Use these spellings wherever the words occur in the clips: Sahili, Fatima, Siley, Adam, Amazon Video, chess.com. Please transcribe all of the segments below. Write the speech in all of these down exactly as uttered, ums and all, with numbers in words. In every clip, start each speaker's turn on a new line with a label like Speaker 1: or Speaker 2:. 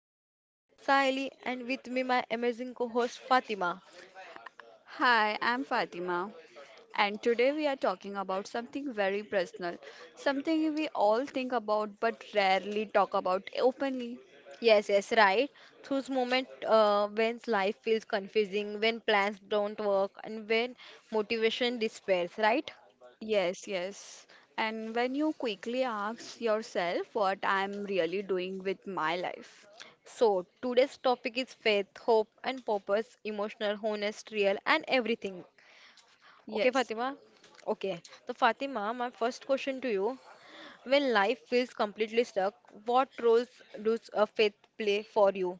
Speaker 1: podcast. I am Sahili and with me my amazing co-host Fatima.
Speaker 2: Hi, I'm Fatima, and today we are talking about something very personal, something we all think about but rarely talk about openly.
Speaker 1: Yes, yes, right. Those moments uh, when life feels confusing, when plans don't work and when motivation despairs, right?
Speaker 2: Yes, yes. And when you quickly ask yourself what I'm really doing with my life.
Speaker 1: So, today's topic is faith, hope and purpose, emotional, honest, real and everything. Okay,
Speaker 2: Yes.
Speaker 1: Fatima? Okay. So, Fatima, my first question to you. When life feels completely stuck, what roles does a faith play for you?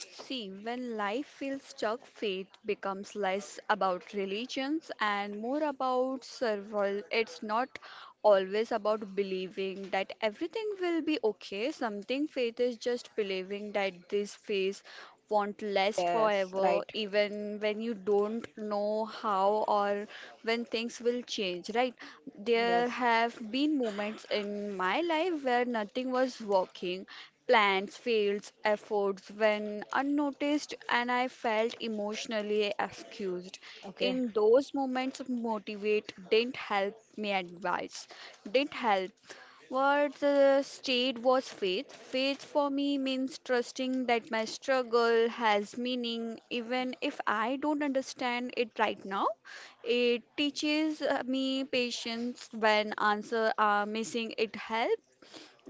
Speaker 2: See, when life feels stuck, faith becomes less about religions and more about survival. It's not always about believing that everything will be okay. Something faith is just believing that this phase won't last
Speaker 1: Yes,
Speaker 2: forever,
Speaker 1: right.
Speaker 2: even when you don't know how or when things will change, right? There
Speaker 1: Yes.
Speaker 2: have been moments in my life where nothing was working plans, fields, efforts when unnoticed, and I felt emotionally excused.
Speaker 1: Okay,
Speaker 2: In those moments, motivate didn't help me advise, didn't help. What uh, stayed was faith. Faith for me means trusting that my struggle has meaning, even if I don't understand it right now. It teaches uh, me patience when answers are missing. It helps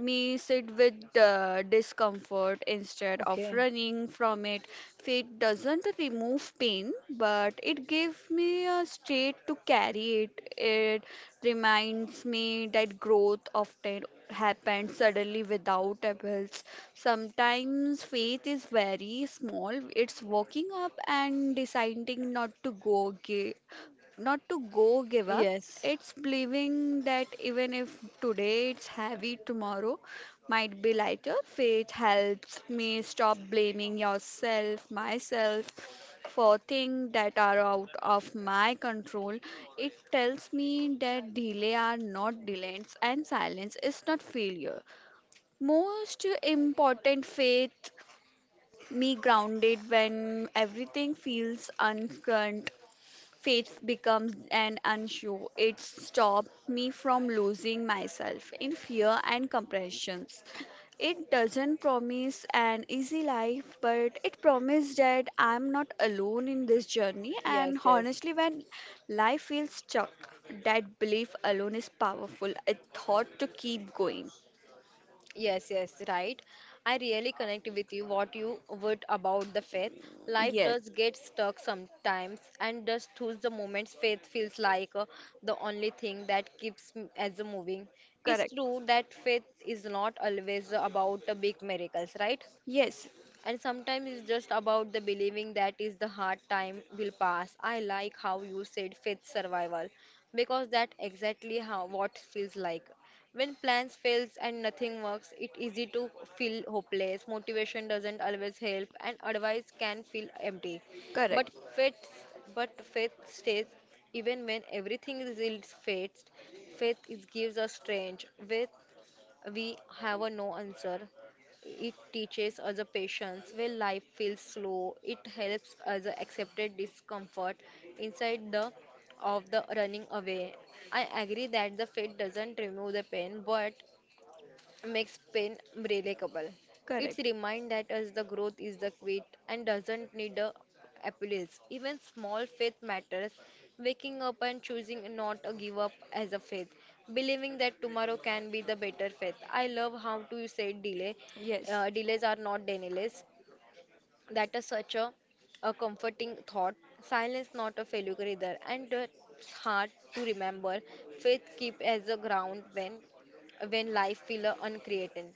Speaker 2: me sit with uh, discomfort instead of
Speaker 1: okay,
Speaker 2: running from it. Faith doesn't remove pain, but it gives me a state to carry it. It reminds me that growth often happens suddenly without efforts. Sometimes faith is very small. It's waking up and deciding not to go ga- not to go give up.
Speaker 1: yes,
Speaker 2: It's believing that even if today it's heavy, tomorrow might be lighter. Faith helps me stop blaming yourself, myself for things that are out of my control. It tells me that delay are not delays and silence is not failure. Most important faith me grounded when everything feels uncertain, faith becomes an unsure. It stops me from losing myself in fear and compressions. It doesn't promise an easy life, but it promises that I'm not alone in this journey.
Speaker 1: yes,
Speaker 2: And
Speaker 1: yes.
Speaker 2: honestly, when life feels stuck, that belief alone is powerful. A thought to keep going.
Speaker 1: Yes, yes, right. I really connect with you what you would about the faith. Life
Speaker 2: Yes,
Speaker 1: does get stuck sometimes and just choose the moments faith feels like uh, the only thing that keeps m- as a moving. It's
Speaker 2: correct.
Speaker 1: true that faith is not always about the big miracles, right?
Speaker 2: Yes,
Speaker 1: And sometimes it's just about the believing that is the hard time will pass. I like how you said faith survival because that exactly how what feels like. When plans fails and nothing works, it easy to feel hopeless. Motivation doesn't always help and advice can feel empty.
Speaker 2: correct.
Speaker 1: But faith but faith stays even when everything is fades faith is gives us strength. Faith we have a no answer. It teaches us a patience when life feels slow. It helps us accepted discomfort inside the of the running away. I agree that the fate doesn't remove the pain, but makes pain unbreakable. It's
Speaker 2: Correct.
Speaker 1: remind that us the growth is the quit and doesn't need a appeals. Even small faith matters. Waking up and choosing not to give up as a faith, believing that tomorrow can be the better faith. I love how to you say delay.
Speaker 2: Yes.
Speaker 1: Uh, delays are not denials. That is such a, a comforting thought. Silence not a failure either, and it's hard to remember. Faith keep as a ground when when life feel uncreated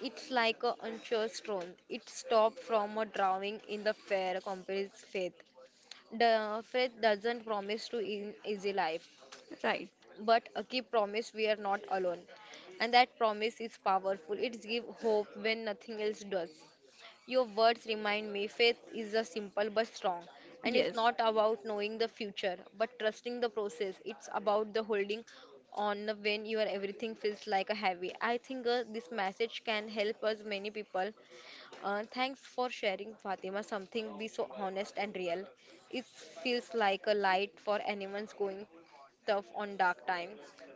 Speaker 1: it's like a unsure stone. It stops from a drowning in the fair compares faith. The faith doesn't promise to an easy life,
Speaker 2: Right.
Speaker 1: but a key promise we are not alone. And that promise is powerful. It gives hope when nothing else does. Your words remind me faith is a simple but strong. And it's
Speaker 2: Yes.
Speaker 1: not about knowing the future, but trusting the process. It's about the holding on when your everything feels like a heavy. I think uh, this message can help us many people uh, thanks for sharing, Fatima, something be so honest and real. It feels like a light for anyone's going tough on dark time.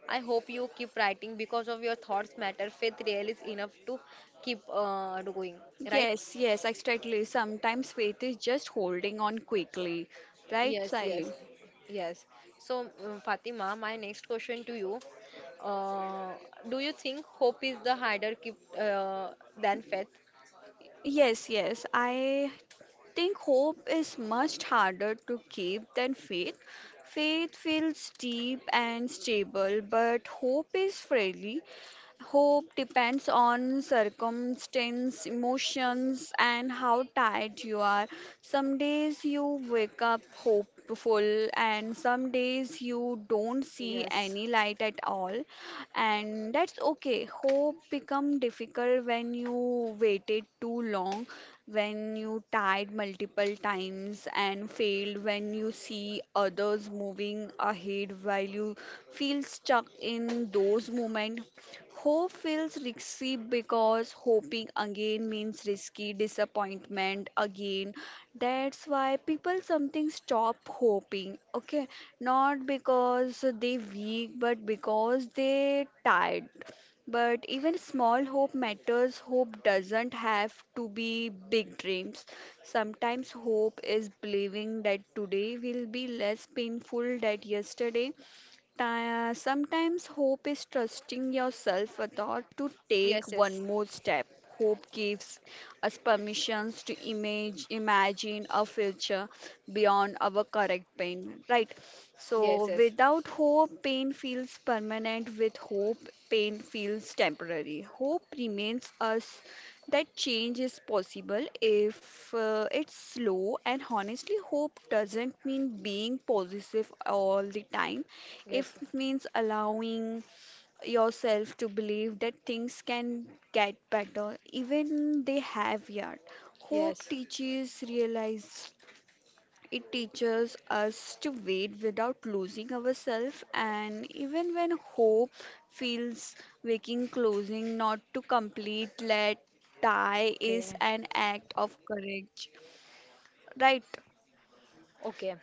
Speaker 1: I hope you keep writing because of your thoughts matter. Faith real, is enough to keep uh, going, right?
Speaker 2: Yes, yes, exactly. Sometimes faith is just holding on quickly, right,
Speaker 1: Yes, yes,
Speaker 2: Siley?
Speaker 1: yes. So, um, Fatima, my next question to you. Uh, do you think hope is the harder keep uh, than faith?
Speaker 2: Yes, yes. I think hope is much harder to keep than faith. Faith feels deep and stable, but hope is friendly. Hope depends on circumstance, emotions, and how tired you are. Some days you wake up hopeful, and some days you don't see
Speaker 1: Yes,
Speaker 2: any light at all. And that's okay. Hope become difficult when you waited too long, when you tried multiple times and failed, when you see others moving ahead while you feel stuck in those moments. Hope feels risky because hoping again means risky disappointment again. That's why people something stop hoping. Okay, not because they weak, but because they tired. But even small hope matters. Hope doesn't have to be big dreams. Sometimes hope is believing that today will be less painful than yesterday. Ti- Sometimes hope is trusting yourself a to take
Speaker 1: yes, yes,
Speaker 2: one more step. Hope gives us permissions to image, imagine a future beyond our current pain, right? So,
Speaker 1: yes, yes,
Speaker 2: without hope, pain feels permanent. With hope, pain feels temporary. Hope remains us that change is possible if uh, it's slow. And honestly, hope doesn't mean being positive all the time, if
Speaker 1: yes,
Speaker 2: means allowing yourself to believe that things can get better, even they have yet. Hope
Speaker 1: yes.
Speaker 2: teaches realize, it teaches us to wait without losing ourselves. And even when hope feels waking closing not to complete let die
Speaker 1: Okay,
Speaker 2: is an act of courage, right?
Speaker 1: okay.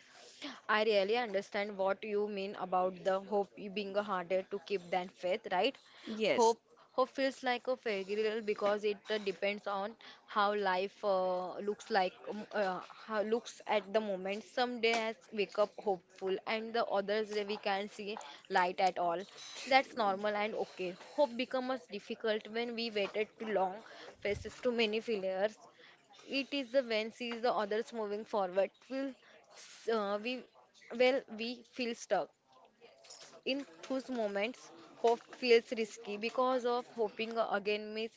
Speaker 1: I really understand what you mean about the hope you being harder to keep than faith, right?
Speaker 2: Yes,
Speaker 1: Hope, hope feels like a fairy tale because it uh, depends on how life uh, looks like, um, uh, how looks at the moment. Some days wake up hopeful, and the others day we can not see light at all. That's normal and okay. Hope becomes difficult when we waited too long, faces too many failures, It is the when sees the others moving forward. Will uh, we well we feel stuck. In those moments, hope feels risky because of hoping again means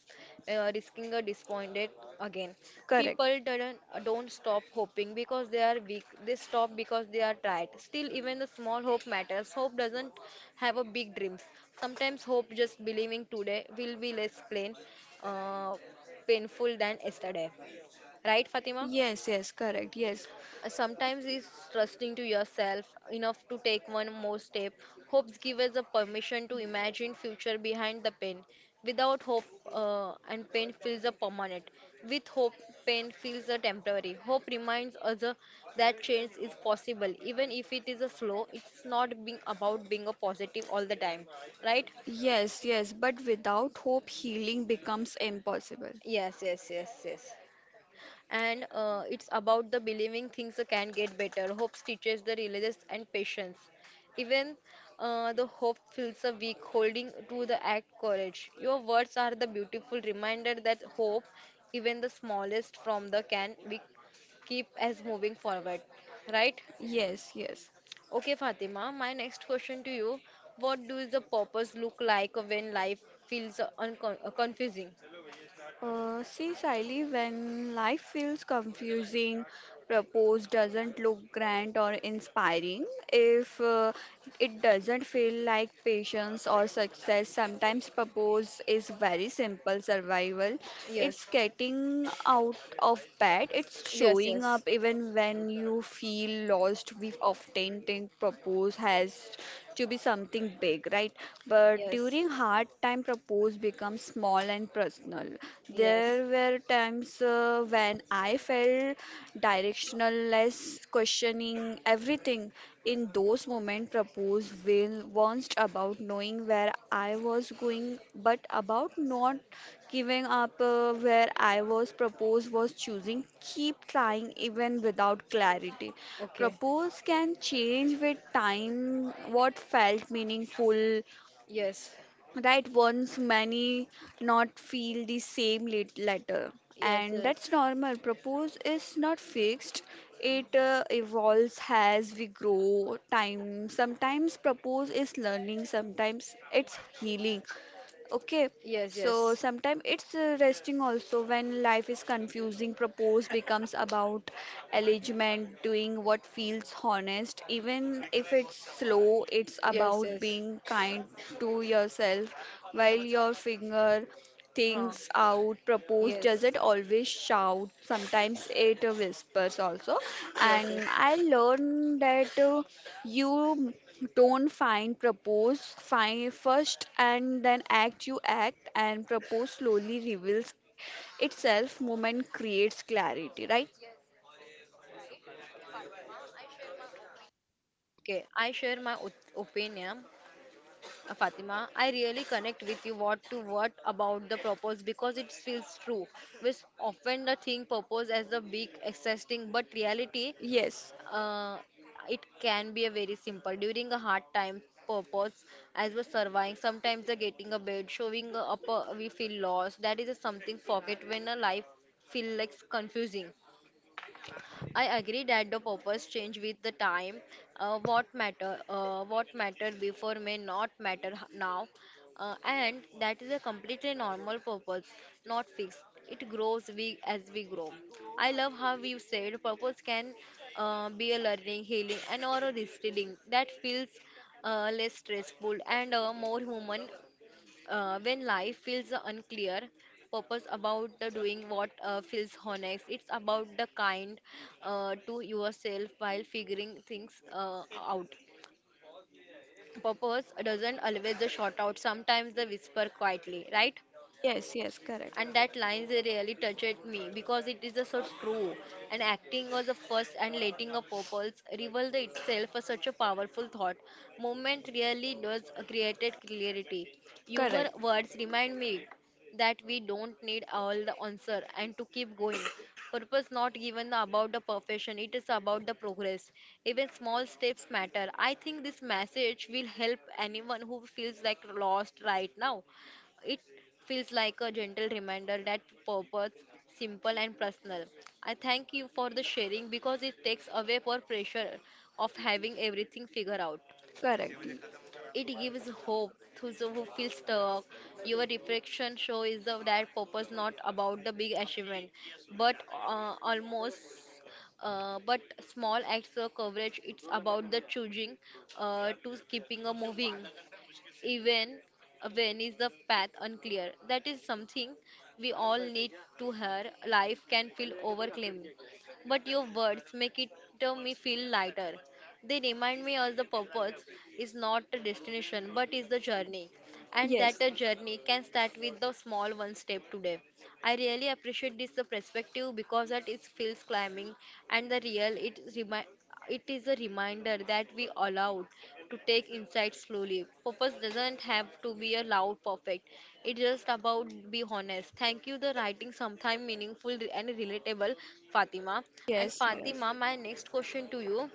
Speaker 1: uh, risking a disappointed again.
Speaker 2: correct.
Speaker 1: People don't don't stop hoping because they are weak. They stop because they are tired. Still, even the small hope matters. Hope doesn't have a big dreams. Sometimes hope just believing today will be less plain, uh, painful than yesterday. Right, Fatima?
Speaker 2: Yes, yes, correct. Yes.
Speaker 1: Uh, Sometimes it's trusting to yourself enough to take one more step. Hopes give us the permission to imagine future behind the pain. Without hope, uh, and pain feels a permanent. With hope, pain feels a temporary. Hope reminds us uh, that change is possible, even if it is a slow. It's not being about being a positive all the time, right?
Speaker 2: Yes, yes, but without hope, healing becomes impossible.
Speaker 1: Yes, yes, yes, yes. And uh, it's about the believing things can get better. Hope teaches the religious and patience. Even uh, the hope feels a weak, holding to the act courage. Your words are the beautiful reminder that hope, even the smallest from the can, we keep as moving forward. Right?
Speaker 2: Yes, yes.
Speaker 1: Okay, Fatima, my next question to you. What does the purpose look like when life feels uncon- confusing?
Speaker 2: Uh, see, Siley, when life feels confusing, propose doesn't look grand or inspiring. If uh, it doesn't feel like patience or success, sometimes propose is very simple survival.
Speaker 1: Yes,
Speaker 2: It's getting out of bed, it's
Speaker 1: yes,
Speaker 2: showing
Speaker 1: yes,
Speaker 2: up even when you feel lost. We often think propose has to be something big, right? But
Speaker 1: yes,
Speaker 2: during hard time, propose pose becomes small and personal.
Speaker 1: yes.
Speaker 2: There were times uh, when I felt directionless, questioning everything. In those moments, propose will wasn't about knowing where I was going, but about not giving up uh, where I was. Propose was choosing, keep trying even without clarity.
Speaker 1: Okay.
Speaker 2: Propose can change with time, what felt meaningful
Speaker 1: Yes.
Speaker 2: that once many not feel the same lit- letter,
Speaker 1: Yes,
Speaker 2: and
Speaker 1: yes.
Speaker 2: that's normal. Propose is not fixed, it uh, evolves as we grow time. Sometimes propose is learning, sometimes it's healing. Okay,
Speaker 1: Yes,
Speaker 2: so
Speaker 1: yes.
Speaker 2: sometimes it's uh, resting also. When life is confusing, propose becomes about alignment, doing what feels honest, even if it's slow. It's
Speaker 1: Yes,
Speaker 2: about
Speaker 1: yes.
Speaker 2: being kind to yourself while your finger
Speaker 1: Huh.
Speaker 2: things out, propose,
Speaker 1: Yes.
Speaker 2: doesn't always shout. Sometimes it uh, whispers also.
Speaker 1: Yes, yes.
Speaker 2: And I learned that uh, you don't find propose find first and then act, you act and propose slowly reveals itself. Moment creates clarity, right?
Speaker 1: Okay. I share my op- opinion. Uh, Fatima, I really connect with you what to what about the purpose because it feels true. We s- often the think purpose as a big exciting, but reality,
Speaker 2: Yes,
Speaker 1: uh, it can be a very simple. During a hard time, purpose as we're surviving, sometimes the getting a bed, showing up, uh, we feel lost. That is a something forget when a life feel like confusing. I agree that the purpose change with the time. Uh, what matter, uh, what mattered before may not matter h- now, uh, and that is a completely normal purpose, not fixed. It grows we as we grow. I love how you said purpose can uh, be a learning, healing, and or a restyling that feels uh, less stressful and uh, more human uh, when life feels unclear, purpose about the doing what uh, feels honest. It's about the kind uh, to yourself while figuring things uh, out. Purpose doesn't always the shout out. Sometimes the whisper quietly, right?
Speaker 2: yes, yes, correct,
Speaker 1: And that lines they really touched me because it is a so true, and acting was a first and letting a purpose reveal the itself as such a powerful thought moment really does created clarity. Your
Speaker 2: correct,
Speaker 1: words remind me that we don't need all the answer and to keep going purpose not given about the perfection, it is about the progress. Even small steps matter. I think this message will help anyone who feels like lost right now. It feels like a gentle reminder that purpose simple and personal. I thank you for the sharing because it takes away our pressure of having everything figured out.
Speaker 2: correct.
Speaker 1: It gives hope to those who feel stuck. Your reflection show is the, that purpose not about the big achievement, but uh, almost uh, but small acts of coverage. It's about the choosing uh, to keeping a moving even when is the path unclear. That is something we all need to hear. Life can feel overwhelming, but your words make it uh, me feel lighter. They remind me of the purpose is not a destination but is the journey, and that
Speaker 2: Yes,
Speaker 1: a journey can start with the small one step today. I really appreciate this uh, perspective because that it feels climbing and the real it is remi- it is a reminder that we allowed to take insight slowly. Purpose doesn't have to be a loud perfect. It's just about be honest. Thank you the writing sometime meaningful and relatable, Fatima. And
Speaker 2: yes, yes,
Speaker 1: Fatima, my next question to you.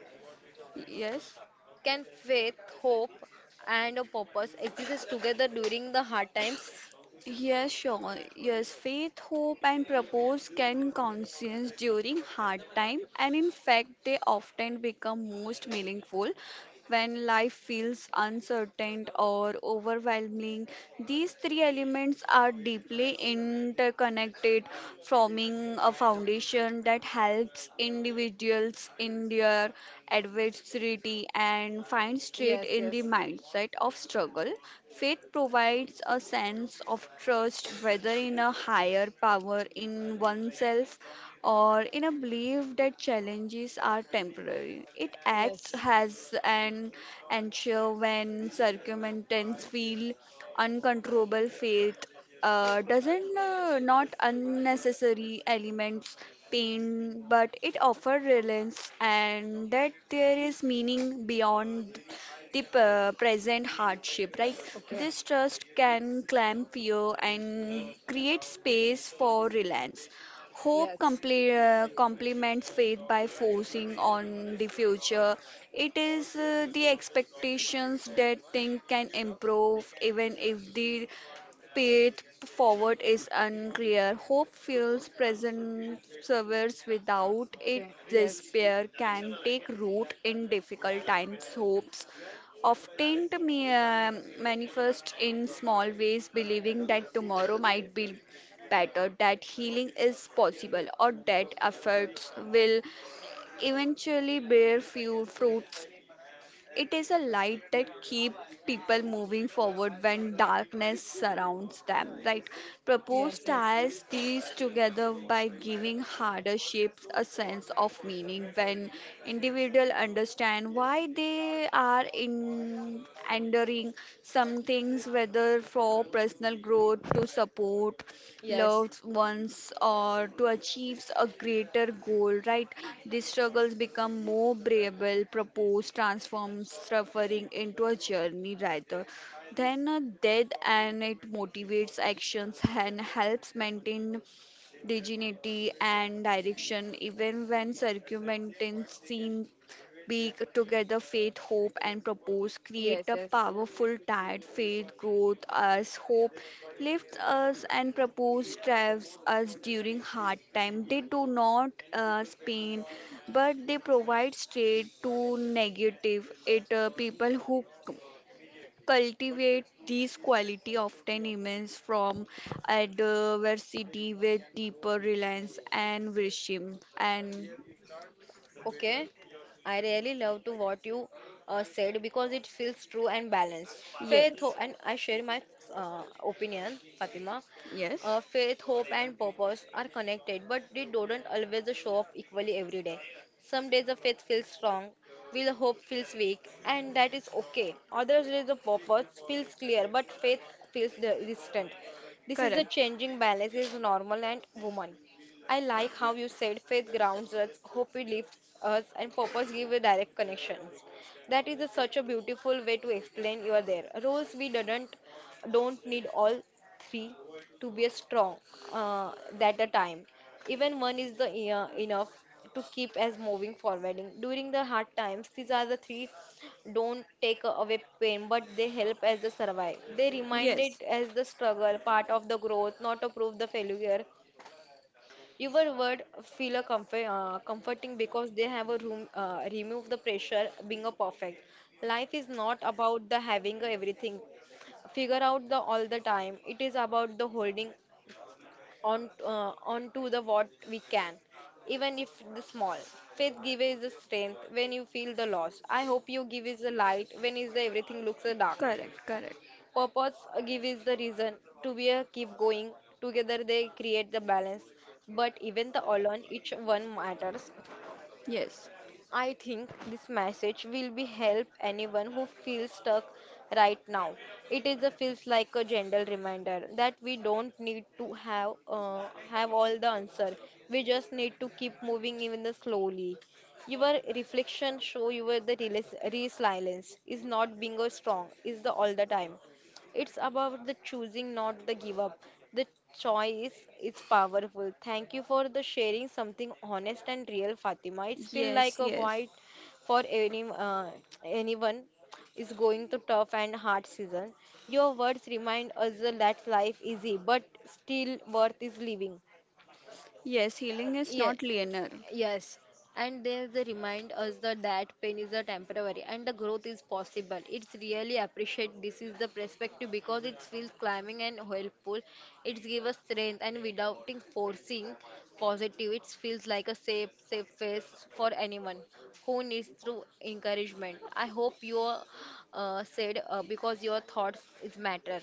Speaker 2: yes.
Speaker 1: Can faith, hope and a purpose exist together during the hard times?
Speaker 2: Yes, sure. Yes, faith, hope, and purpose can conscience during hard time, and in fact, they often become most meaningful when life feels uncertain or overwhelming. These three elements are deeply interconnected, forming a foundation that helps individuals in their adversity and find strength
Speaker 1: Yes,
Speaker 2: in the
Speaker 1: yes.
Speaker 2: mindset of struggle. Faith provides a sense of trust, whether in a higher power, in oneself, or in a belief that challenges are temporary. It acts
Speaker 1: Yes.
Speaker 2: as an anchor when circumstances feel uncontrollable. Faith uh, doesn't uh, not unnecessary elements pain, but it offers reliance and that there is meaning beyond the p- present hardship, right?
Speaker 1: Okay.
Speaker 2: This trust can clamp fear and create space for reliance. Hope
Speaker 1: Yes.
Speaker 2: comple- uh, complements faith by focusing on the future. It is uh, the expectations that things can improve even if the path forward is unclear. Hope fills present servers, without it,
Speaker 1: Okay. Yes.
Speaker 2: despair can take root in difficult times. Hopes often me- uh, manifest in small ways, believing that tomorrow might be better, that healing is possible, or that efforts will eventually bear few fruits. It is a light that keeps people moving forward when darkness surrounds them, right? Propose
Speaker 1: Yes, yes.
Speaker 2: ties these together by giving harder shapes a sense of meaning when individuals understand why they are in enduring some things, whether for personal growth to support
Speaker 1: Yes.
Speaker 2: loved ones or to achieve a greater goal, right? These struggles become more bearable, propose, transform suffering into a journey rather than a death, and it motivates actions and helps maintain dignity and direction even when circumstances seem weak. Together, faith, hope and purpose create
Speaker 1: Yes,
Speaker 2: a
Speaker 1: yes.
Speaker 2: powerful tide. Faith growth us, hope lifts us, and purpose drives us. During hard time they do not uh, pain, but they provide straight to negative it. Uh, people who cultivate these quality often emerges from adversity with deeper reliance and wisdom, and
Speaker 1: Okay, I really love to what you uh, said because it feels true and balanced. Faith, ho-
Speaker 2: yes,
Speaker 1: and I share my uh, opinion, Fatima. Uh, faith, hope, and purpose are connected, but they don't always show up equally every day. Some
Speaker 2: yes.
Speaker 1: days the faith feels strong, while the hope feels weak, and that is okay. Other days the purpose feels clear, but faith feels the- distant. This is the
Speaker 2: Correct.
Speaker 1: changing balance is normal and woman. I like how you said faith grounds us, hope it lifts us, and purpose give a direct connections. That is a, such a beautiful way to explain you are there. Roles we didn't don't need all three to be a strong uh, at a time. Even one is the uh, enough to keep us moving forward. During the hard times, these are the three don't take away pain, but they help us to survive. They reminded
Speaker 2: Yes.
Speaker 1: as the struggle, part of the growth, not to prove the failure. Your word feel a comfort, uh, comforting because they have a room uh, remove the pressure being a perfect. Life is not about the having everything figure out the all the time. It is about the holding on uh, on to the what we can, even if the small. Faith gives the strength when you feel the loss. I hope you give is the light when is the everything looks uh, dark.
Speaker 2: Correct, correct.
Speaker 1: Purpose uh, give is the reason to be a keep going. Together they create the balance. But even the alone each one matters.
Speaker 2: Yes.
Speaker 1: I think this message will be help anyone who feels stuck right now. It is a feels like a gentle reminder that we don't need to have uh, have all the answer. We just need to keep moving even the slowly. Your reflection show you were the resilience is not being a strong is the all the time, it's about the choosing, not the give up. The choice is powerful. Thank you for the sharing something honest and real, Fatima. It's feel like
Speaker 2: Yes,
Speaker 1: a
Speaker 2: yes.
Speaker 1: guide for any uh, anyone is going through tough and hard season. Your words remind us that life is easy, but still worth is living.
Speaker 2: Yes, healing is
Speaker 1: Yeah,
Speaker 2: not linear.
Speaker 1: yes. And they, they remind us that, that pain is a temporary and the growth is possible. It's really appreciate this is the perspective because it feels climbing and helpful. It gives us strength and without it forcing positive, it feels like a safe, safe face for anyone who needs through encouragement. I hope you uh, said uh, because your thoughts is matter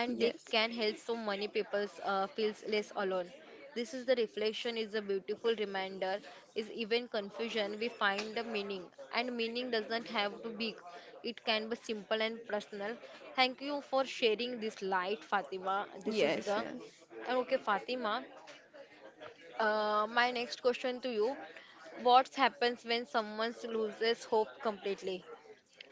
Speaker 1: and they
Speaker 2: Yes.
Speaker 1: can help so many people uh, feel less alone. This is the reflection is a beautiful reminder is even confusion we find a meaning, and meaning doesn't have to be, it can be simple and personal. Thank you for sharing this light, Fatima. This is
Speaker 2: Yes,
Speaker 1: the
Speaker 2: yes.
Speaker 1: and okay, Fatima, uh, my next question to you: what happens when someone loses hope completely?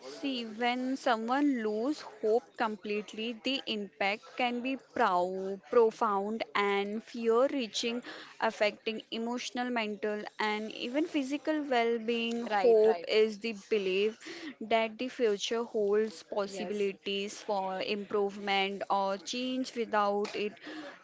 Speaker 2: See, when someone loses hope completely, the impact can be prou- profound and fear reaching, affecting emotional, mental, and even physical well being.
Speaker 1: Right,
Speaker 2: Hope
Speaker 1: right.
Speaker 2: is the belief that the future holds
Speaker 1: Yes,
Speaker 2: possibilities for improvement or change. Without it,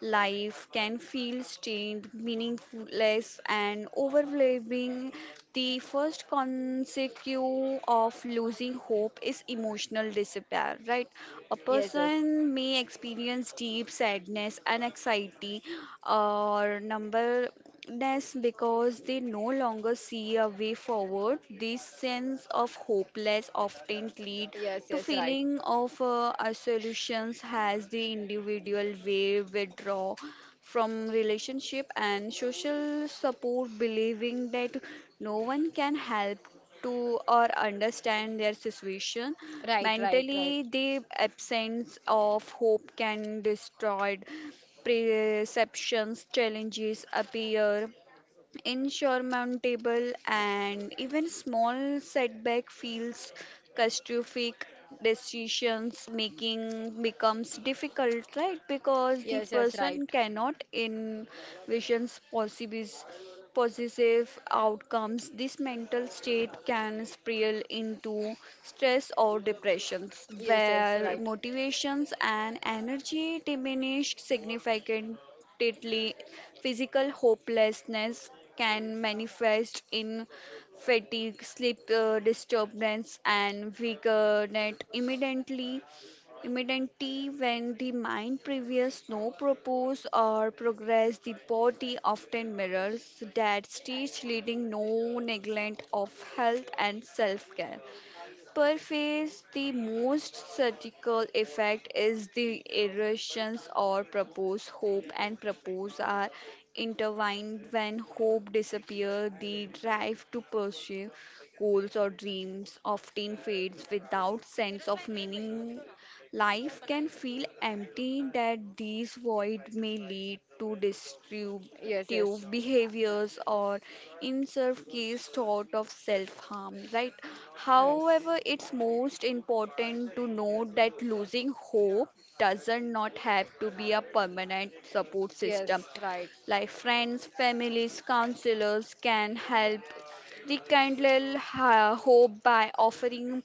Speaker 2: life can feel stained, meaningless, and overwhelming. The first consequence of losing hope is emotional despair, right? A
Speaker 1: yes. Yes,
Speaker 2: person may experience deep sadness and anxiety or numbness because they no longer see a way forward. This sense of hopeless often lead
Speaker 1: yes.
Speaker 2: to
Speaker 1: Yes, right.
Speaker 2: feeling of uh, isolation as the individual will withdraw from relationship and social support, believing that no one can help to or understand their situation.
Speaker 1: Right, right, right.
Speaker 2: Mentally, the absence of hope can destroy perceptions, challenges appear insurmountable, and even small setback feels catastrophic. Decisions making becomes difficult, right? Because the
Speaker 1: Yes, yes, right.
Speaker 2: person cannot envision possibilities positive outcomes, this mental state can spiral into stress or depressions
Speaker 1: Yes, yes,
Speaker 2: where
Speaker 1: right.
Speaker 2: motivations and energy diminish significantly repeatedly. Physical hopelessness can manifest in fatigue, sleep uh, disturbance, and weakness immediately. Immediately, when the mind previous no purpose or progress, the body often mirrors that stage, leading no neglect of health and self-care. Perhaps the most surgical effect is the irritations or propose. Hope and propose are intertwined. When hope disappears, the drive to pursue goals or dreams often fades. Without sense of meaning, life can feel empty, that these void may lead to disturb
Speaker 1: Yes, yes.
Speaker 2: destructive behaviors or in some case thought of self-harm, right?
Speaker 1: Yes,
Speaker 2: However, it's most important to note that losing hope doesn't not have to be a permanent. Support system
Speaker 1: yes, right.
Speaker 2: like friends, families, counselors can help rekindle ha- hope by offering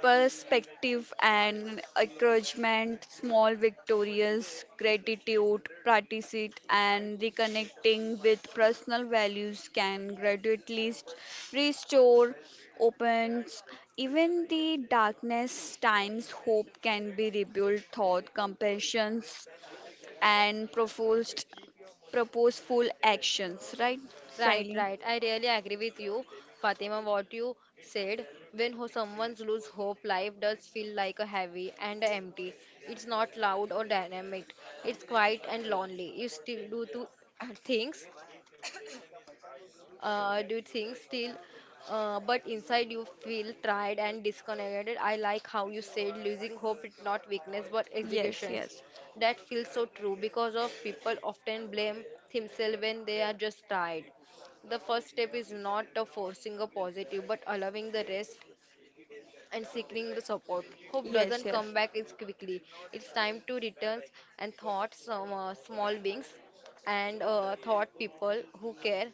Speaker 2: perspective and encouragement. Small victorious, gratitude, practice it, and reconnecting with personal values can gradually st- restore, opens. Even the darkness times, hope can be rebuilt, thought, compassion, and proposed, purposeful actions. Right,
Speaker 1: Right,
Speaker 2: Siley?
Speaker 1: right. I really agree with you, Fatima, what you said. When ho- someone loses hope, life does feel like a heavy and empty. It's not loud or dynamic. It's quiet and lonely. You still do two things, uh, do things still, uh, but inside you feel tired and disconnected. I like how you said losing hope is not weakness but
Speaker 2: Me. Yes,
Speaker 1: education.
Speaker 2: yes,
Speaker 1: That feels so true because of people often blame themselves when they are just tired. The first step is not a forcing a positive but allowing the rest and seeking the support. Hope
Speaker 2: yes.
Speaker 1: doesn't come back as quickly. It's time to return and thought some uh, small beings and uh, thought people who care.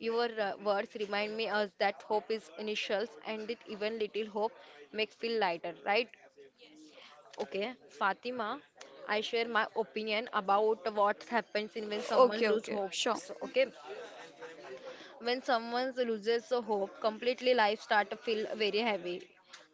Speaker 1: Your uh, words remind me us that hope is initials and that even little hope make feel lighter, right? Okay, Fatima, I share my opinion about what happens in when someone
Speaker 2: Okay,
Speaker 1: lose
Speaker 2: okay, sure.
Speaker 1: hopes. Okay, when someone loses the hope completely, life start to feel very heavy.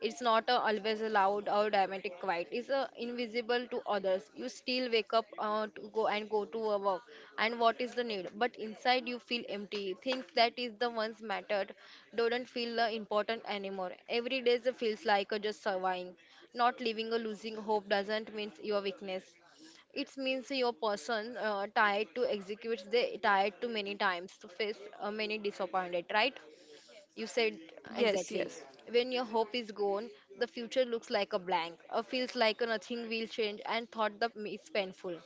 Speaker 1: It's not uh, always a loud or dramatic quiet. It's uh, invisible to others. You still wake up uh, to go and go to a work. And what is the need? But inside you feel empty. Things that is the ones mattered don't feel uh, important anymore. Every day feels like uh, just surviving. Not living or losing hope doesn't mean your weakness. It means your person uh, tied to executes they tied to many times to face uh, many disappointed, right? You said
Speaker 2: Yes,
Speaker 1: exactly.
Speaker 2: yes,
Speaker 1: When your hope is gone, the future looks like a blank, uh, feels like nothing will change, and thought the is painful.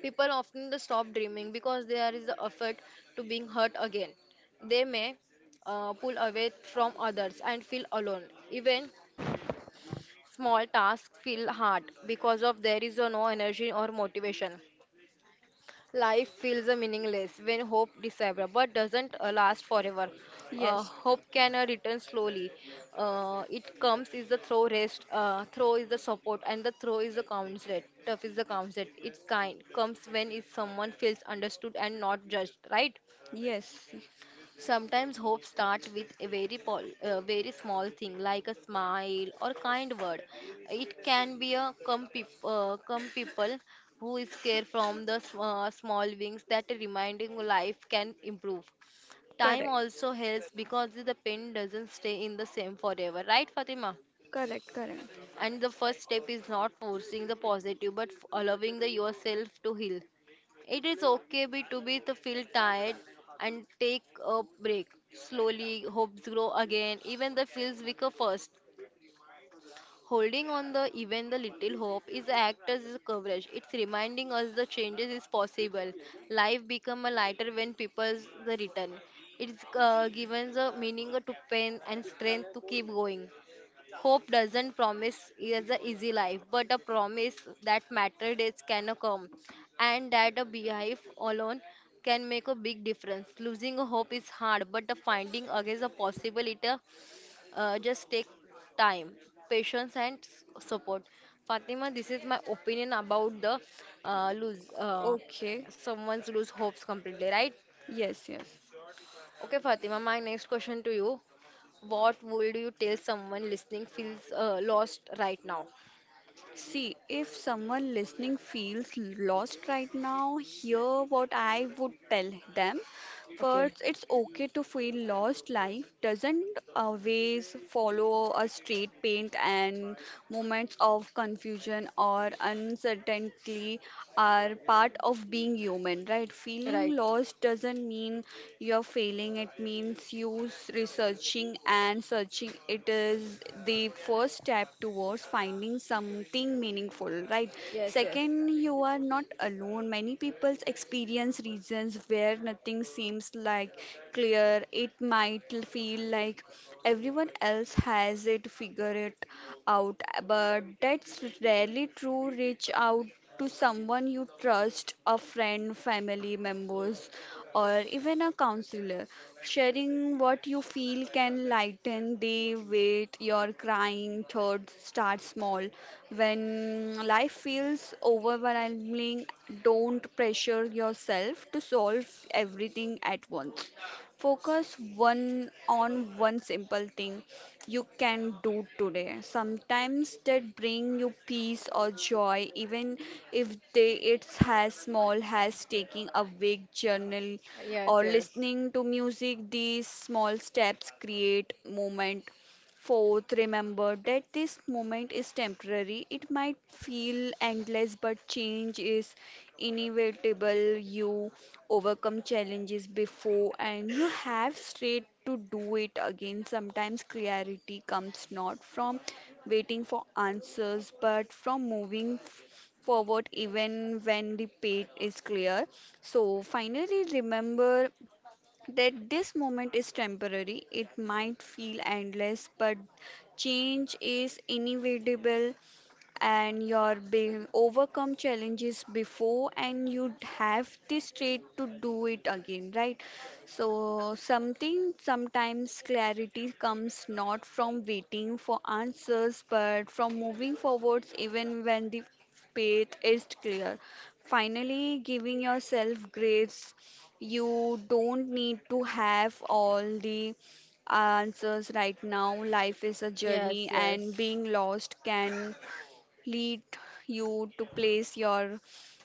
Speaker 1: People often the stop dreaming because there is the effort to being hurt again. They may uh, pull away from others and feel alone. Even small tasks feel hard because of there is uh, no energy or motivation. Life feels uh, meaningless when hope disappears, but doesn't uh, last forever. Uh,
Speaker 2: yes,
Speaker 1: hope can uh, return slowly. Uh, it comes is the throw rest, uh, throw is the support, and the throw is the constant. Tough is the constant. It's kind comes when is someone feels understood and not judged, right?
Speaker 2: yes.
Speaker 1: Sometimes hope starts with a very, pol- uh, very small thing like a smile or kind word. It can be a come, peop- uh, come people who is care from the sm- uh, small wings that reminding life can improve. Time
Speaker 2: Correct,
Speaker 1: also helps because the pain doesn't stay in the same forever, right, Fatima?
Speaker 2: correct, correct.
Speaker 1: And the first step is not forcing the positive but f- allowing the yourself to heal. It is okay be, to be to feel tired and take a break. Slowly hopes grow again, even the feels weaker first. Holding on the even the little hope is act as a coverage. It's reminding us the changes is possible. Life become a lighter when people's the return. It's uh, given the meaning to pain and strength to keep going. Hope doesn't promise is a easy life, but a promise that matter days can come, and that a beehive alone can make a big difference. Losing a hope is hard, but the finding again a possibility uh, just take time, patience, and s- support. Fatima, this is my opinion about the uh, lose uh,
Speaker 2: Okay,
Speaker 1: someone's lose hopes completely, right?
Speaker 2: yes, yes.
Speaker 1: Okay, Fatima, my next question to you. What would you tell someone listening feels uh, lost right now?
Speaker 2: See, if someone listening feels lost right now, hear what I would tell them.
Speaker 1: Okay.
Speaker 2: First, it's okay to feel lost. Life doesn't always follow a straight path, and moments of confusion or uncertainty are part of being human, right?
Speaker 1: Right.
Speaker 2: Feeling lost doesn't mean you're failing, it means you s- researching and searching. It is the first step towards finding something meaningful, right?
Speaker 1: Yes, yes.
Speaker 2: Second, you are not alone. Many people experience regions where nothing seems like clear. It might l- feel like everyone else has it figured it out, but that's rarely true. Reach out to someone you trust, a friend, family members, or even a counselor. Sharing what you feel can lighten the weight your crying thoughts. Start small. When life feels overwhelming, don't pressure yourself to solve everything at once. Focus one on one simple thing you can do today. Sometimes that bring you peace or joy, even if they it's as small as taking a week journal
Speaker 1: Yes,
Speaker 2: or
Speaker 1: yes.
Speaker 2: listening to music. These small steps create moment. Fourth, remember that this moment is temporary. It might feel endless, but change is inevitable. You overcome challenges before, and you have straight to do it again. Sometimes clarity comes not from waiting for answers, but from moving forward even when the path is clear. So, finally, remember that this moment is temporary. It might feel endless, but change is inevitable, and your be- overcome challenges before, and you have the strength to do it again, right? So something sometimes clarity comes not from waiting for answers, but from moving forwards even when the path is clear. Finally, giving yourself grace, you don't need to have all the answers right now. Life is a
Speaker 1: Yes,
Speaker 2: journey, and
Speaker 1: yes.
Speaker 2: being lost can lead you to place your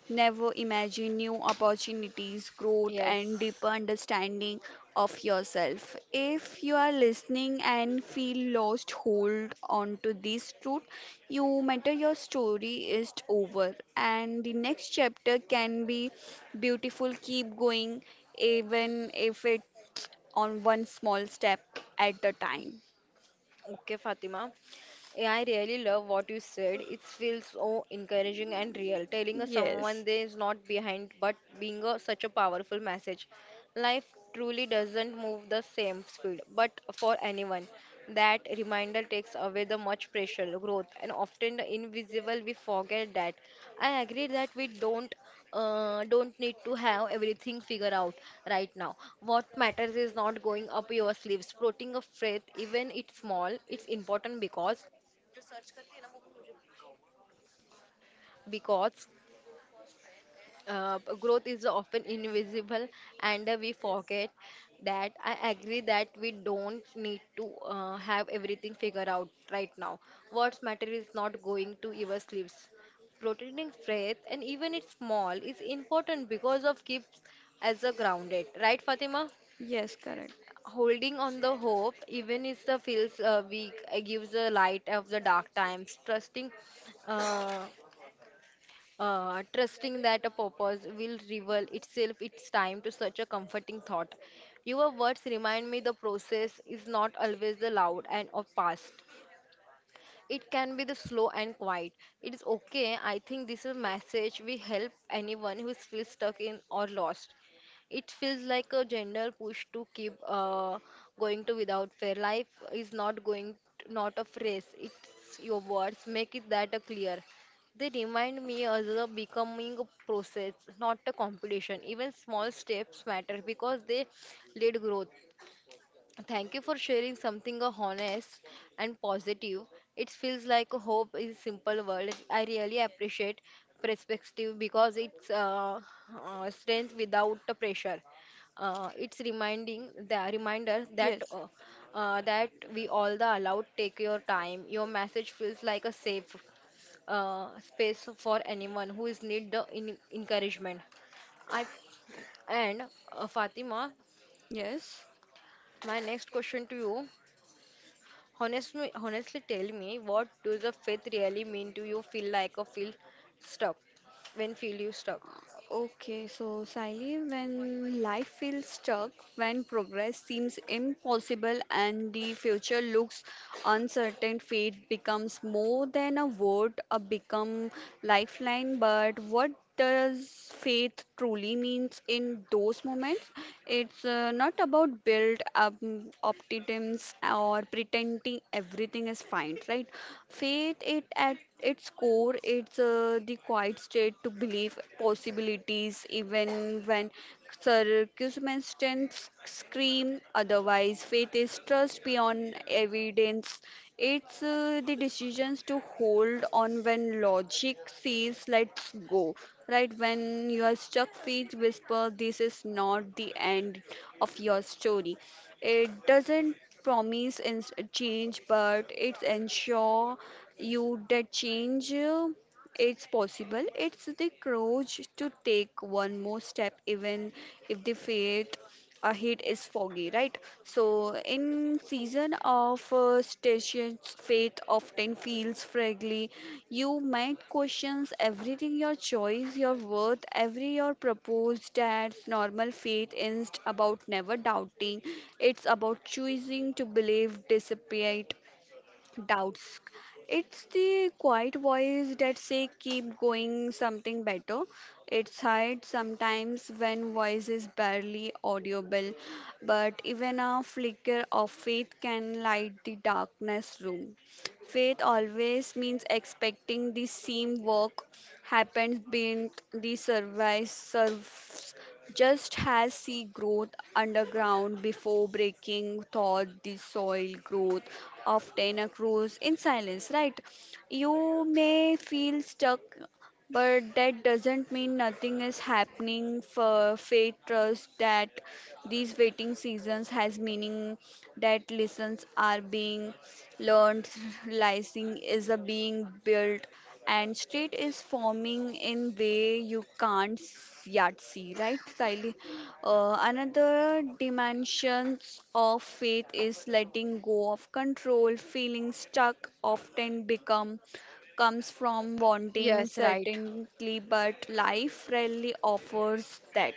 Speaker 2: never imagine: new opportunities, growth, and
Speaker 1: Yes.
Speaker 2: deeper understanding of yourself. If you are listening and feel lost, hold on to this truth. You matter, your story is over, and the next chapter can be beautiful. Keep going, even if it on one small step at a time.
Speaker 1: Okay, Fatima. Yeah, I really love what you said. It feels so encouraging and real. Telling us
Speaker 2: Yes.
Speaker 1: someone they is not behind, but being a, such a powerful message. Life truly doesn't move the same speed, but for anyone. That reminder takes away the much pressure, growth, and often the invisible. We forget that. I agree that we don't uh, don't need to have everything figured out right now. What matters is not going up your sleeves, putting a faith, even it's small. It's important because because uh, growth is often invisible and uh, we forget that. I agree that we don't need to uh, have everything figured out right now. What's matter is not going to your sleeves, protecting faith, and even it's small is important because of keeps as a grounded, right, Fatima?
Speaker 2: Yes, correct.
Speaker 1: Holding on the hope even if the feels uh, weak uh, gives a light of the dark times, trusting uh, uh, trusting that a purpose will reveal itself its time to such a comforting thought. Your words remind me the process is not always the loud and of past. It can be the slow and quiet. It is okay. I think this is a message we help anyone who feels stuck in or lost. It feels like a gentle push to keep uh, going to without fear. Life is not going not a phrase. It's your words. Make it that a clear. They remind me as a becoming a process, not a competition. Even small steps matter because they lead growth. Thank you for sharing something uh, honest and positive. It feels like hope is simple word. I really appreciate perspective because it's uh, uh, strength without the pressure. Uh, it's reminding the reminder that
Speaker 2: Yes.
Speaker 1: uh, uh, that we all the allowed take your time. Your message feels like a safe uh, space for anyone who is need the in- encouragement. I and uh, Fatima,
Speaker 2: Yes.
Speaker 1: my next question to you. Honestly, honestly tell me, what does the faith really mean? Do you feel like or feel stuck? When feel you stuck?
Speaker 2: Okay, so Sally, when life feels stuck, when progress seems impossible and the future looks uncertain, faith becomes more than a word, a become lifeline. But what does faith truly means in those moments? It's uh, not about build up mm, optimism or pretending everything is fine, right? Faith, it at its core, it's uh, the quiet state to believe possibilities even when circumstances scream otherwise. Faith is trust beyond evidence. It's uh, the decisions to hold on when logic says let's go, right? When you are stuck, faith whispers, this is not the end of your story. It doesn't promise in change, but it ensure you that change uh, it's possible. It's the courage to take one more step even if the faith uh, heat is foggy, right? So in season of uh, stations, faith often feels fragile. You might questions everything, your choice, your worth, every your proposed. That's normal. Faith is about never doubting. It's about choosing to believe despite doubts. It's the quiet voice that say keep going, something better. It's hard sometimes when voice is barely audible, but even a flicker of faith can light the darkness room. Faith always means expecting the same work happens beneath the surface, surface just as seed growth underground before breaking thought the soil. Growth often occurs in silence, right? You may feel stuck, but that doesn't mean nothing is happening. For faith, trust that these waiting seasons has meaning, that lessons are being learned, licensing is a being built, and state is forming in way you can't s- yet see, right, Siley? Uh, another dimensions of faith is letting go of control. Feeling stuck often become comes from wanting
Speaker 1: Yes, right.
Speaker 2: certainty, but life rarely offers that.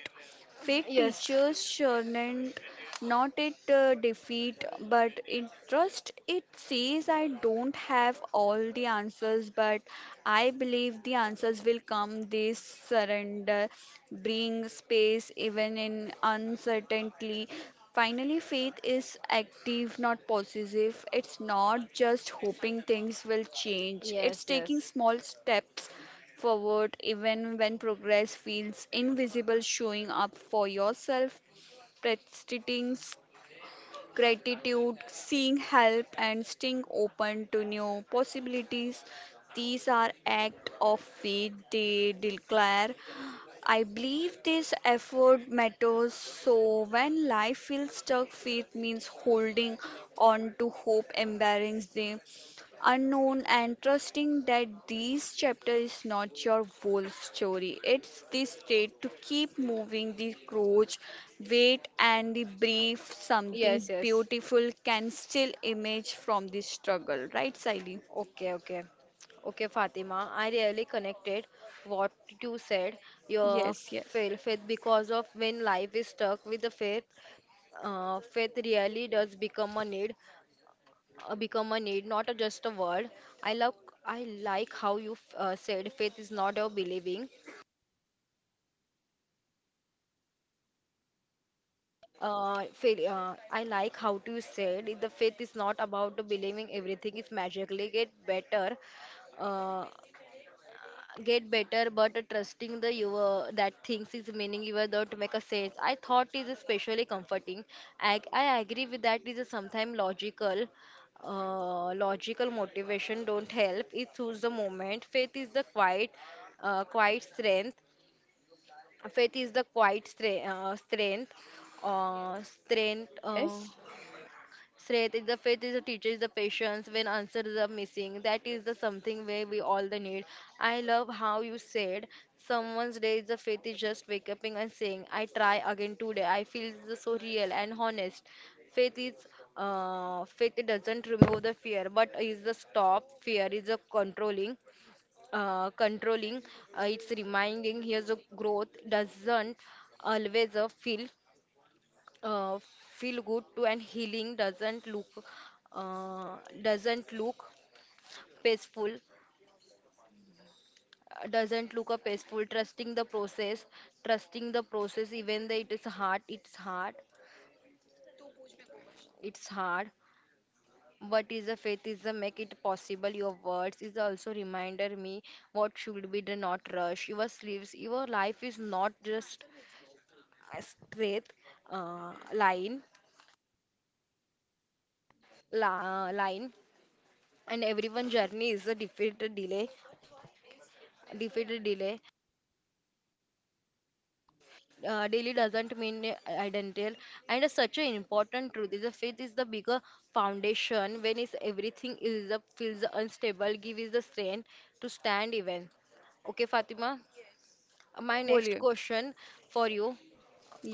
Speaker 2: Fake
Speaker 1: Yes.
Speaker 2: teachers shouldn't not it uh, defeat, but it trust. It says, I don't have all the answers, but I believe the answers will come. This surrender, bring space even in uncertainty. Finally, faith is active, not possessive. It's not just hoping things will change, it's taking small steps forward even when progress feels invisible: showing up for yourself, practicing gratitude, seeking help, and staying open to new possibilities. These are acts of faith, they declare I believe this effort matters. So when life feels stuck, faith means holding on to hope, embracing the unknown, and trusting that this chapter is not your whole story. It's the state to keep moving the crouch, wait, and the brief
Speaker 1: Yes, yes.
Speaker 2: something
Speaker 1: Yes, yes.
Speaker 2: beautiful can still emerge from the struggle. Right, Siley?
Speaker 1: Okay, okay. Okay, Fatima, I really connected what you said, your
Speaker 2: Yes, yes.
Speaker 1: fail faith because of when life is stuck with the faith, uh, faith really does become a need, uh, become a need, not a, just a word. I love, I like how you uh, said faith is not a believing. Uh, fail, uh, I like how you said it, the faith is not about the believing everything is magically get better. Uh, get better but trusting the you uh, that things is meaning you are not make a sense I thought is especially comforting, i, I agree with that is sometimes logical uh, logical motivation don't help it choose the moment faith is the quiet uh, quiet strength. Faith is the quiet stre- uh, strength uh, strength uh,
Speaker 2: Yes,
Speaker 1: Strength is the faith is the teacher is the patience when answers are missing. That is the something where we all the need. I love how you said someone's day is the faith is just wake up and saying, I try again today. I feel the so real and honest. Faith is uh, Faith doesn't remove the fear, but is the stop. Fear is the controlling. Uh, controlling. Uh, it's reminding here's a growth doesn't always uh, feel uh, feel good too, and healing doesn't look uh, doesn't look peaceful uh, doesn't look a peaceful, trusting the process, trusting the process even though it is hard it's hard it's hard but is a faith is a make it possible. Your words is also reminder me what should be the not rush your sleeves your life is not just a straight uh, line la, line, and everyone journey is a different delay defeated delay. Uh, daily doesn't mean identical, and such an important truth is the faith is the bigger foundation. When is everything is up, feels unstable, give is the strength to stand even. Okay, Fatima. My next
Speaker 2: boliye.
Speaker 1: question for you: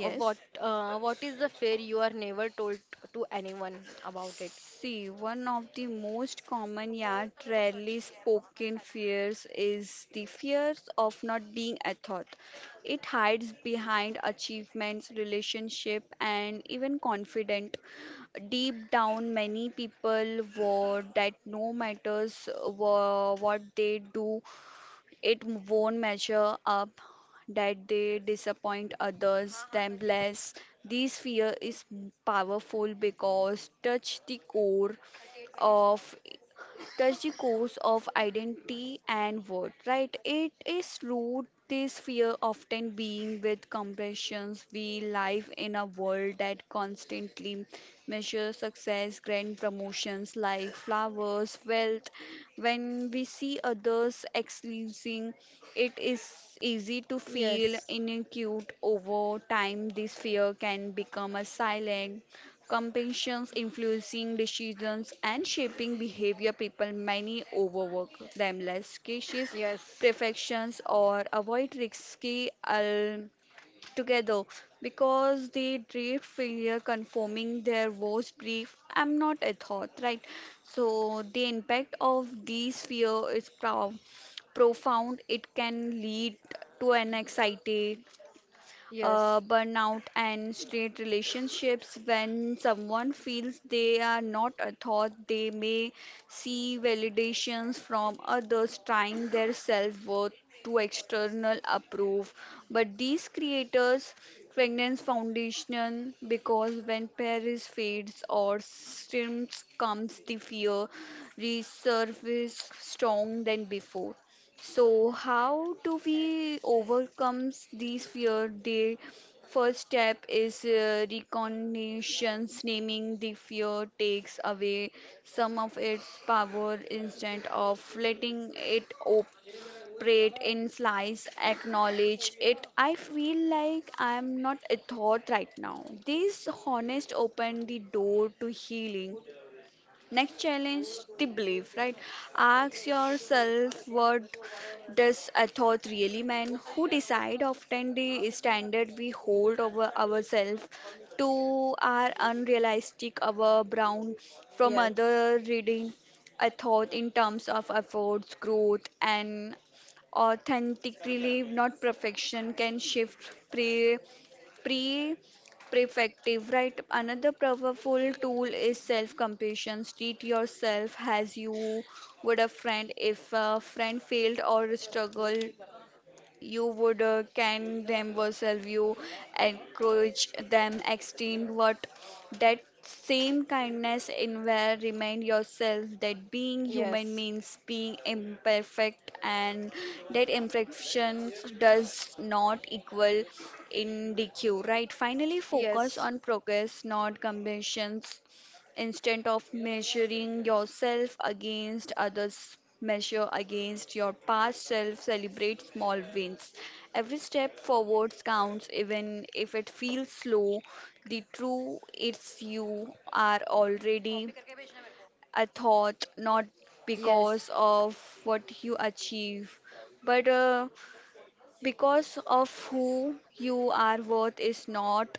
Speaker 1: uh, What uh, what is the fear you are never told to anyone about it?
Speaker 2: See, one of the most common yet rarely spoken fears is the fears of not being a thought. It hides behind achievements, relationship, and even confident. Deep down, many people were that no matters wha- what they do, it won't measure up, that they disappoint others, them less. This fear is powerful because touch the core of that's the cause of identity and worth, right? It is root. This fear often being with compressions. We live in a world that constantly measures success, grand promotions like flowers, wealth. When we see others excelling, it is easy to feel
Speaker 1: Yes.
Speaker 2: inadequate. Over time, this fear can become a silent competitions, influencing decisions and shaping behavior. People many overwork themselves cautious,
Speaker 1: Yes.
Speaker 2: perfections, or avoid risky altogether because they dread failure conforming their worst brief, I'm not a thought, right? So the impact of these fear is proud profound. It can lead to an anxiety, uh,
Speaker 1: Yes.
Speaker 2: burnout, and straight relationships. When someone feels they are not a thought, they may see validations from others, tying their self worth to external approve. But these creators fragrance foundation, because when Paris fades or streams comes, the fear resurface strong than before. So, how do we overcome these fear? The first step is uh, recognition. Naming the fear takes away some of its power. Instead of letting it operate in slice, acknowledge it. I feel like I am not a thought right now. This honest open the door to healing. Next, challenge the belief, right? Ask yourself, what does a thought really mean? Who decide? Often the standard we hold over ourselves to are unrealistic, our brown from
Speaker 1: Yes.
Speaker 2: other reading a thought in terms of efforts, growth, and authentically, not perfection, can shift pre pre prefective, right? Another powerful tool is self compassion. Treat yourself as you would a friend. If a friend failed or struggled, you would uh, can them yourself, you encourage them, extend what that same kindness in where. Remind yourself that being human
Speaker 1: Yes.
Speaker 2: means being imperfect, and that imperfection does not equal in dq, right? Finally, focus on progress, not competitions. Instead of measuring yourself against others, measure against your past self. Celebrate small wins. Every step forwards counts, even if it feels slow. The true it's you are already a thought, not
Speaker 1: Yes.
Speaker 2: because
Speaker 1: Yes.
Speaker 2: of what you achieve, but uh, because of who you are. Worth is not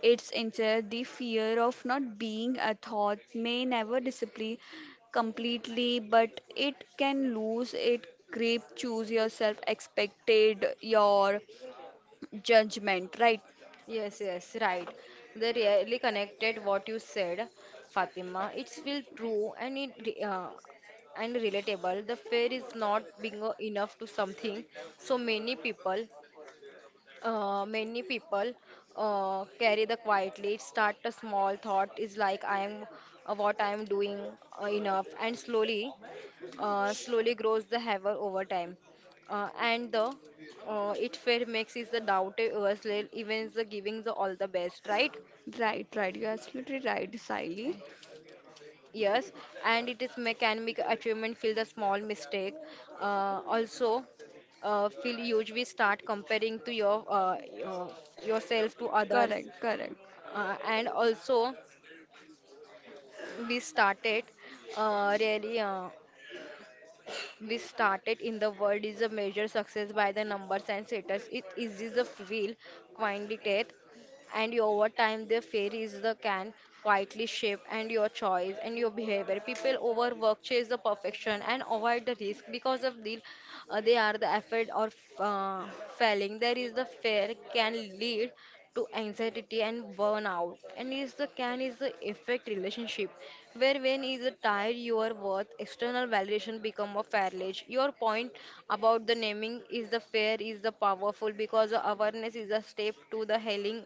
Speaker 2: it's instead. The fear of not being a thought may never disappear completely, but it can lose its grip. Choose yourself, expected your judgment. Right,
Speaker 1: Yes, yes, right. They really connected what you said, Fatima. It's feel true and it re- uh, and relatable. The fear is not being uh, enough to something. So many people, uh, many people uh, carry the quietly. It start a small thought is like I am uh, what I am doing uh, enough, and slowly uh, slowly grows the haver over time. Uh, and the uh, it fair makes is the doubt yourself even the giving the all the best, right?
Speaker 2: right, right. You're absolutely right, Siley.
Speaker 1: Yes, and it is ma- can make achievement feel the small mistake. Uh, also, uh, feel huge. We start comparing to your uh, your- yourself to others,
Speaker 2: Correct, correct,
Speaker 1: uh, and also we started uh, really uh, we started in the world is a major success by the numbers and setters. It is the feel quantitative, and over time the fear is the can quietly shape and your choice and your behavior. People overwork chase the perfection and avoid the risk because of the uh, they are the effort or uh, failing. There is the fear can lead to anxiety and burnout. And is the can is the effect relationship, where when is the tired your worth, external validation become a failure. Your point about the naming is the fair is the powerful because the awareness is a step to the healing.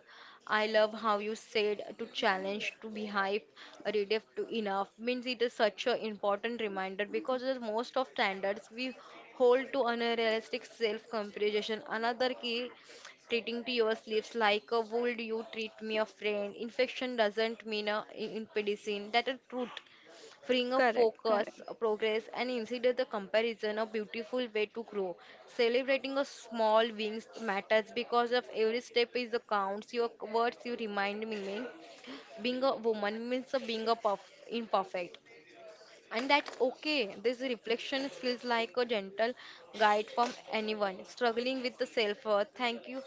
Speaker 1: I love how you said to challenge, to be hype, redev to enough means it is such an important reminder because the most of standards we hold to unrealistic self comparison another key treating to your sleeves like a would you treat me a friend infection doesn't mean a in medicine. That a truth freeing up
Speaker 2: correct,
Speaker 1: focus
Speaker 2: correct.
Speaker 1: progress and insider the comparison a beautiful way to grow celebrating a small wins matters because of every step is the counts your words you remind me mean being a woman means a being a perf- imperfect and that's okay. This reflection feels like a gentle guide from anyone struggling with the self worth. Thank you,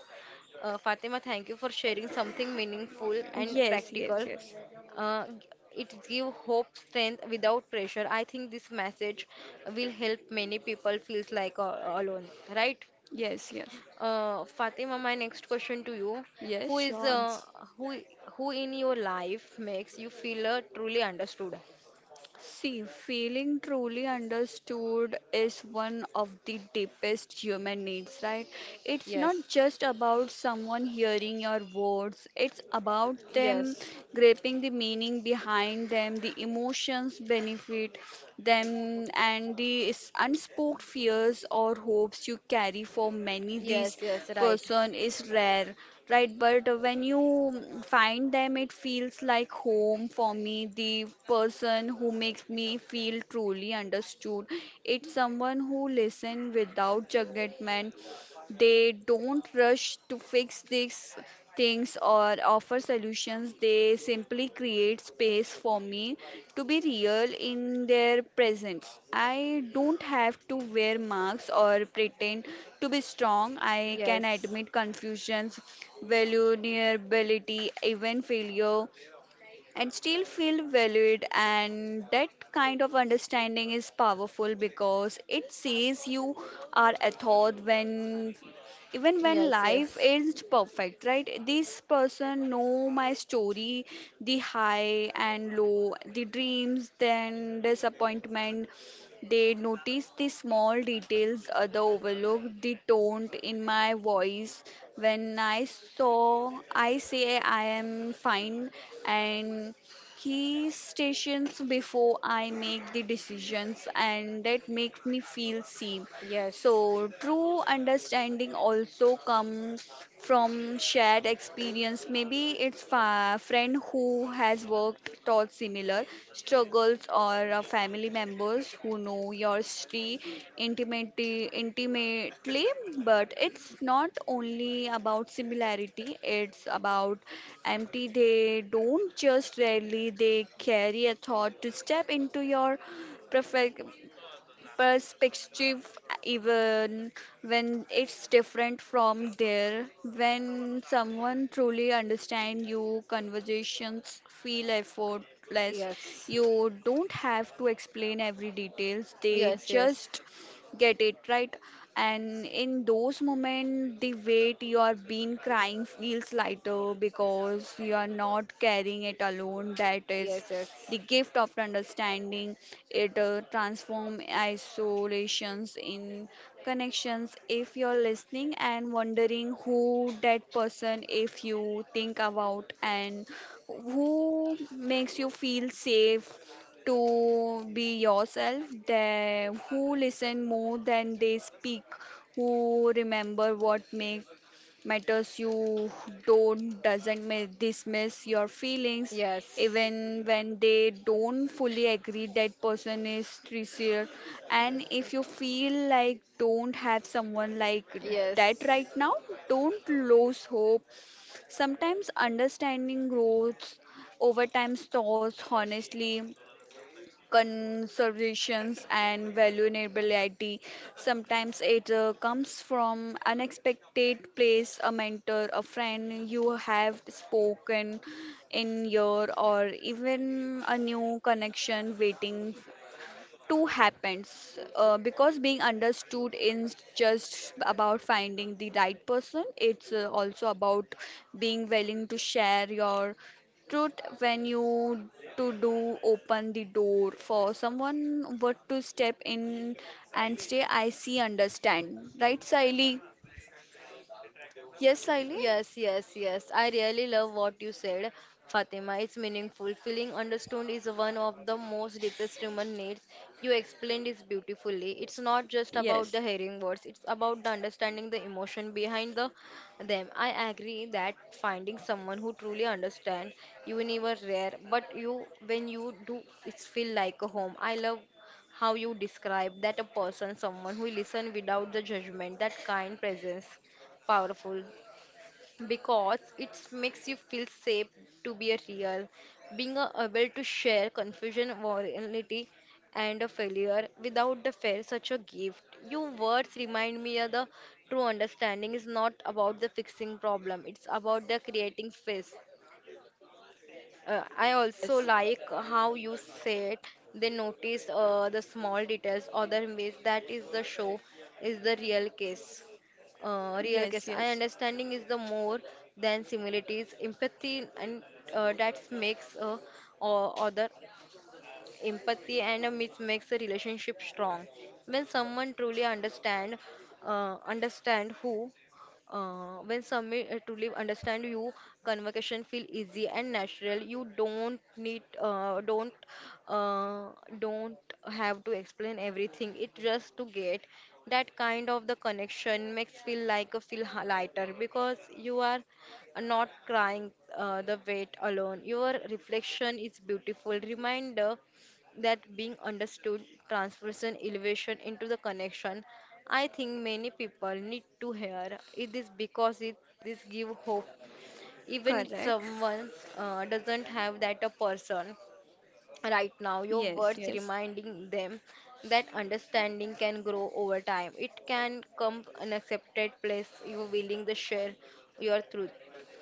Speaker 1: uh, Fatima. Thank you for sharing something meaningful and
Speaker 2: Yes,
Speaker 1: practical.
Speaker 2: yes, yes,
Speaker 1: Uh, g- it gives hope, strength without pressure. I think this message will help many people feels like uh, alone, right?
Speaker 2: yes, yes.
Speaker 1: Uh, Fatima, my next question to you: who
Speaker 2: Yes,
Speaker 1: is
Speaker 2: sure.
Speaker 1: uh, who who in your life makes you feel uh, truly understood?
Speaker 2: See, feeling truly understood is one of the deepest human needs, right? It's
Speaker 1: Yes,
Speaker 2: not just about someone hearing your words, it's about them
Speaker 1: yes.
Speaker 2: grasping the meaning behind them, the emotions benefit them, and the s- unspoken fears or hopes you carry for many. This
Speaker 1: Yes, yes, right.
Speaker 2: person is rare, right? But when you mm, find them, it feels like home. For me, the person who makes me feel truly understood, it's someone who listens without judgment. They don't rush to fix these things or offer solutions. They simply create space for me to be real in their presence. I don't have to wear masks or pretend to be strong. I can
Speaker 1: Yes,
Speaker 2: admit confusions, vulnerability, even failure, and still feel valued. And that kind of understanding is powerful because it says you are a thought when, even when
Speaker 1: yes,
Speaker 2: life
Speaker 1: yes.
Speaker 2: isn't perfect, right? This person know my story, the high and low, the dreams then disappointment. They noticed the small details other overlooked, the tone in my voice when I saw, I say I am fine, and he stations before I make the decisions, and that makes me feel seen.
Speaker 1: Yes,
Speaker 2: So, true understanding also comes from shared experience. Maybe it's a friend who has worked through similar struggles, or uh, family members who know your story intimately, intimately. But it's not only about similarity, it's about empty. They don't just rarely, they carry a thought to step into your perfect perspective even when it's different from there. When someone truly understands you, conversations feel effortless.
Speaker 1: yes,
Speaker 2: You don't have to explain every details, they
Speaker 1: yes, yes,
Speaker 2: just get it, right? And in those moments the weight you are been crying feels lighter because you are not carrying it alone. That is
Speaker 1: yes,
Speaker 2: the gift of understanding. It uh, transforms isolations in connections. If you're listening and wondering who that person, if you think about and who makes you feel safe to be yourself, they, who listen more than they speak, who remember what make matters you don't doesn't ma- dismiss your
Speaker 1: yes,
Speaker 2: feelings
Speaker 1: yes,
Speaker 2: even when they don't fully agree, that person is sincere. And if you feel like don't have someone like that
Speaker 1: yes.
Speaker 2: right now, don't lose hope. Sometimes understanding grows over time, thoughts honestly, conservations, and vulnerability. Sometimes it uh, comes from unexpected place, a mentor, a friend you have spoken in your, or even a new connection waiting two happens uh, because being understood is just about finding the right person, it's uh, also about being willing to share your truth. When you to do open the door for someone what to step in and stay, I see, understand right, Siley? Yes, Siley?
Speaker 1: Yes, yes, yes. I really love what you said, Fatima. It's meaningful. Feeling understood is one of the most deepest human needs. You explained this beautifully. It's not just about the
Speaker 2: Yes,
Speaker 1: hearing words, it's about the understanding the emotion behind the them. I agree that finding someone who truly understands you never rare, but you when you do it's feel like a home. I love how you describe that a person, someone who listen without the judgment, that kind presence powerful because it makes you feel safe to be a real being a- able to share confusion vulnerability and a failure without the fear such a gift your words remind me of the true understanding is not about the fixing problem, it's about the creating space. uh, I also like how you said they notice uh, the small details other ways that is the show is the real case, uh, real
Speaker 2: yes,
Speaker 1: case I
Speaker 2: yes,
Speaker 1: understanding is the more than similarities empathy and uh, that makes uh, o- other empathy and a myth makes a relationship strong when someone truly understand uh, understand who uh, when someone uh, truly understand you, conversation feel easy and natural. You don't need uh, don't uh, don't have to explain everything, it just to get that kind of the connection makes feel like a feel h- lighter because you are not crying uh, the weight alone. Your reflection is beautiful reminder that being understood transformation elevation into the connection. I think many people need to hear it is because it this give hope even if
Speaker 2: correct.
Speaker 1: someone uh, doesn't have that a person right now, your
Speaker 2: Yes,
Speaker 1: words
Speaker 2: yes,
Speaker 1: reminding them that understanding can grow over time. It can come an accepted place you willing to share your truth.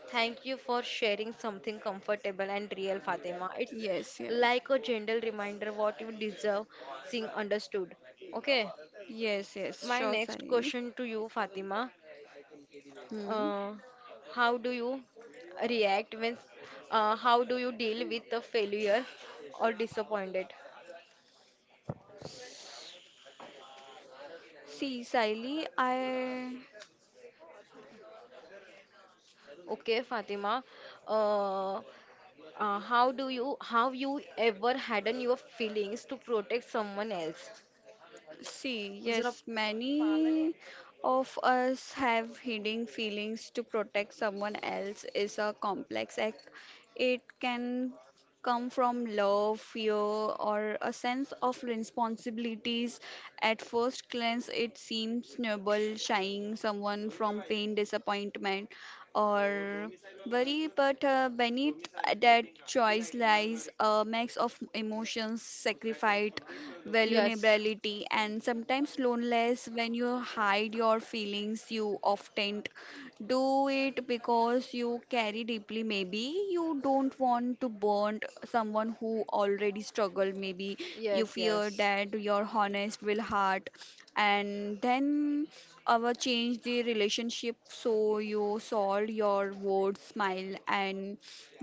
Speaker 1: Thank you for sharing something comfortable and real, Fatima. It's
Speaker 2: yes, yes,
Speaker 1: like a gentle reminder what you deserve seeing understood. Okay,
Speaker 2: yes, yes,
Speaker 1: my
Speaker 2: sure,
Speaker 1: next
Speaker 2: Sally.
Speaker 1: question to you, Fatima.
Speaker 2: Hmm.
Speaker 1: Uh, how do you react when, uh, how do you deal with the failure or disappointed?
Speaker 2: See, Sally, I.
Speaker 1: Okay, Fatima. Uh, uh, how do you, how you ever harden your feelings to protect someone else?
Speaker 2: See,
Speaker 1: Is it a
Speaker 2: yes, many of us have hidden feelings to protect someone else is a complex act. It can come from love, fear, or a sense of responsibilities. At first glance, it seems noble, shying someone from pain, disappointment, or worry, but uh, beneath that choice lies a mix of emotions, sacrifice,
Speaker 1: yes,
Speaker 2: vulnerability, and sometimes loneliness. When you hide your feelings, you often do it because you carry deeply. Maybe you don't want to burn someone who already struggled. Maybe you
Speaker 1: yes,
Speaker 2: fear
Speaker 1: yes,
Speaker 2: that your honest will hurt, and then our change the relationship, so you solve your words smile and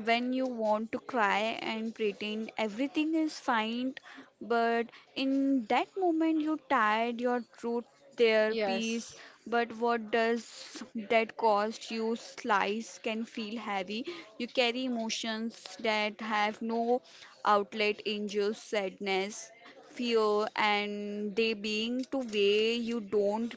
Speaker 2: when you want to cry, and pretend everything is fine, but in that moment, you tied your truth their peace.
Speaker 1: yes,
Speaker 2: But what does that cost you? Slice can feel heavy. You carry emotions that have no outlet in just sadness, fear, and they being to way you don't.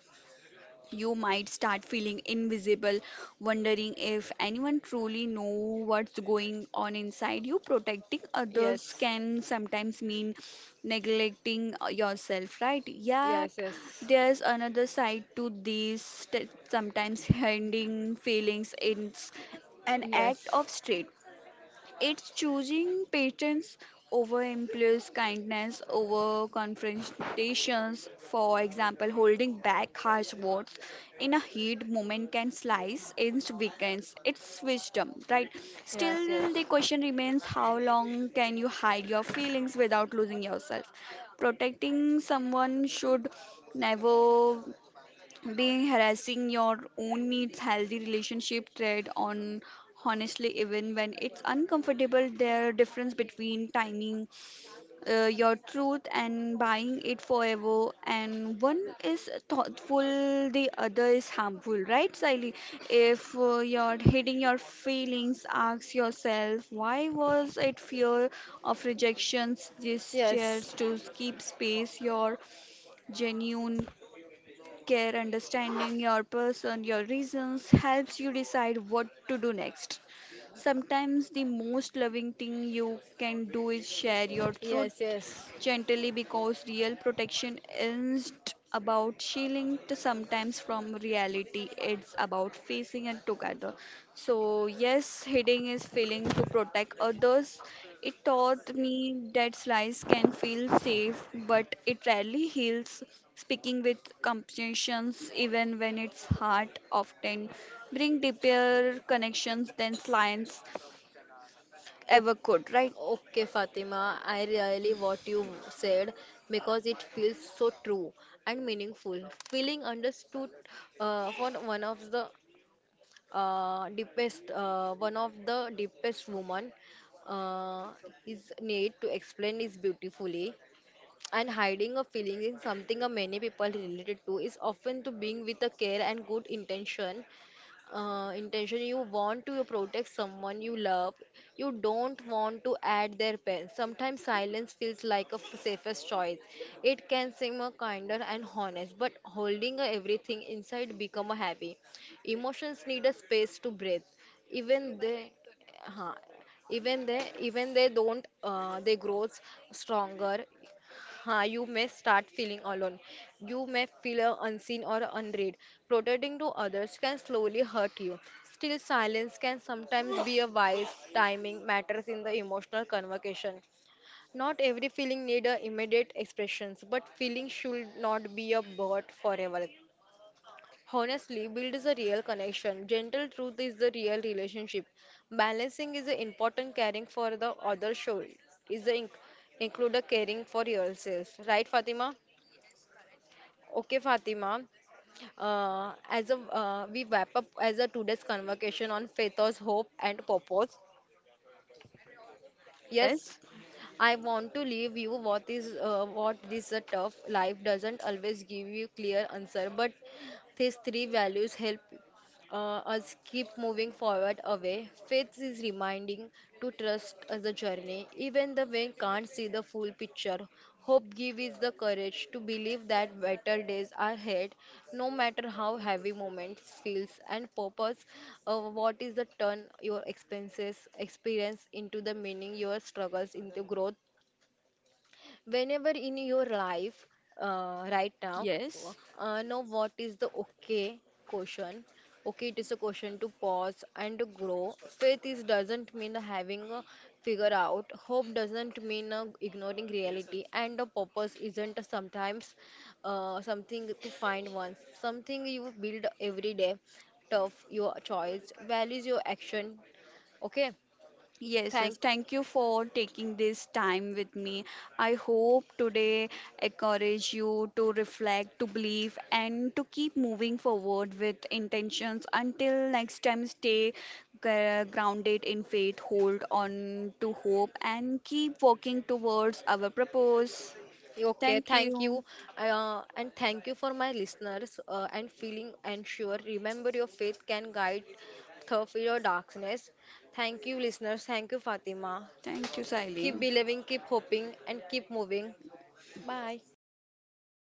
Speaker 2: You might start feeling invisible, wondering if anyone truly know what's going on inside you. Protecting others
Speaker 1: yes,
Speaker 2: can sometimes mean neglecting uh, yourself, right? Yet
Speaker 1: yes, yes,
Speaker 2: there's another side to this. That Sometimes hiding feelings is an act
Speaker 1: yes,
Speaker 2: of strength. It's choosing patience over impulse, kindness over confrontations. For example, holding back harsh words in a heat moment can slice into weekends. It's wisdom, right?
Speaker 1: yes,
Speaker 2: Still,
Speaker 1: yes,
Speaker 2: the question remains, how long can you hide your feelings without losing yourself? Protecting someone should never being harassing your own needs. Healthy relationship trade on honestly, even when it's uncomfortable. There are difference between timing uh, your truth and buying it forever, and one is thoughtful, the other is harmful, right, Siley? If uh, you're hitting your feelings, ask yourself why. Was it fear of rejections, these
Speaker 1: yes,
Speaker 2: chairs to keep space, your genuine care? Understanding your person, your reasons helps you decide what to do next. Sometimes the most loving thing you can do is share your truth
Speaker 1: yes, yes.
Speaker 2: gently, because real protection isn't about shielding to sometimes from reality, it's about facing it together. So yes, hiding is feeling to protect others, it taught me that slice can feel safe, but it rarely heals. Speaking with compassions, even when it's hard, often bring deeper connections than slices
Speaker 1: O-
Speaker 2: ever could, right?
Speaker 1: Okay, Fatima, I really what you said because it feels so true and meaningful. Feeling understood uh, for one of the uh, deepest uh, one of the deepest woman uh, his need to explain is beautifully and hiding a feeling is something uh, many people related to is often to being with a care and good intention, uh, intention. You want to protect someone you love, you don't want to add their pain. Sometimes silence feels like a f- safest choice. It can seem a kinder and honest, but holding uh, everything inside become a heavy. Emotions need a space to breathe even they, huh, even they even they don't uh, they grows stronger. Ha, you may start feeling alone. You may feel uh, unseen or unread. Protecting to others can slowly hurt you. Still, silence can sometimes be a wise timing matters in the emotional convocation. Not every feeling need a immediate expressions, but feeling should not be a burden forever. Honestly, build is a real connection. Gentle truth is the real relationship. Balancing is a important caring for the other show is the inc- include a caring for yourself. Right, Fatima? Okay, Fatima. Uh, as a, uh, we wrap up as a today's conversation on faithos, hope, and purpose. Yes,
Speaker 2: Yes,
Speaker 1: I want to leave you what is uh, what this a tough life doesn't always give you clear answer, but these three values help uh, us keep moving forward away. Faith is reminding to trust as the journey, even the when can't see the full picture. Hope give is the courage to believe that better days are ahead, no matter how heavy moments feels and purpose. Uh, what is the turn your expenses experience into the meaning your struggles into growth whenever in your life uh, right now, w-
Speaker 2: yes.
Speaker 1: uh, know what is the okay question. Okay, it is a question to pause and to grow. Faith is doesn't mean having a figure out, hope doesn't mean uh, ignoring reality, and a purpose isn't sometimes uh, something to find once, something you build every day tough your choice values your action. Okay,
Speaker 2: Yes, yes.
Speaker 1: thank.
Speaker 2: Thank you for taking this time with me. I hope today encourage you to reflect, to believe, and to keep moving forward with intentions. Until next time, stay gr- grounded in faith, hold on to hope, and keep working towards our purpose.
Speaker 1: Okay,
Speaker 2: Thank
Speaker 1: thank you.
Speaker 2: you.
Speaker 1: Uh, and thank you for my listeners uh, and feeling and sure. Remember, your faith can guide through your darkness. Thank you, listeners. Thank you, Fatima.
Speaker 2: Thank you, Siley.
Speaker 1: Keep believing, keep hoping, and keep moving.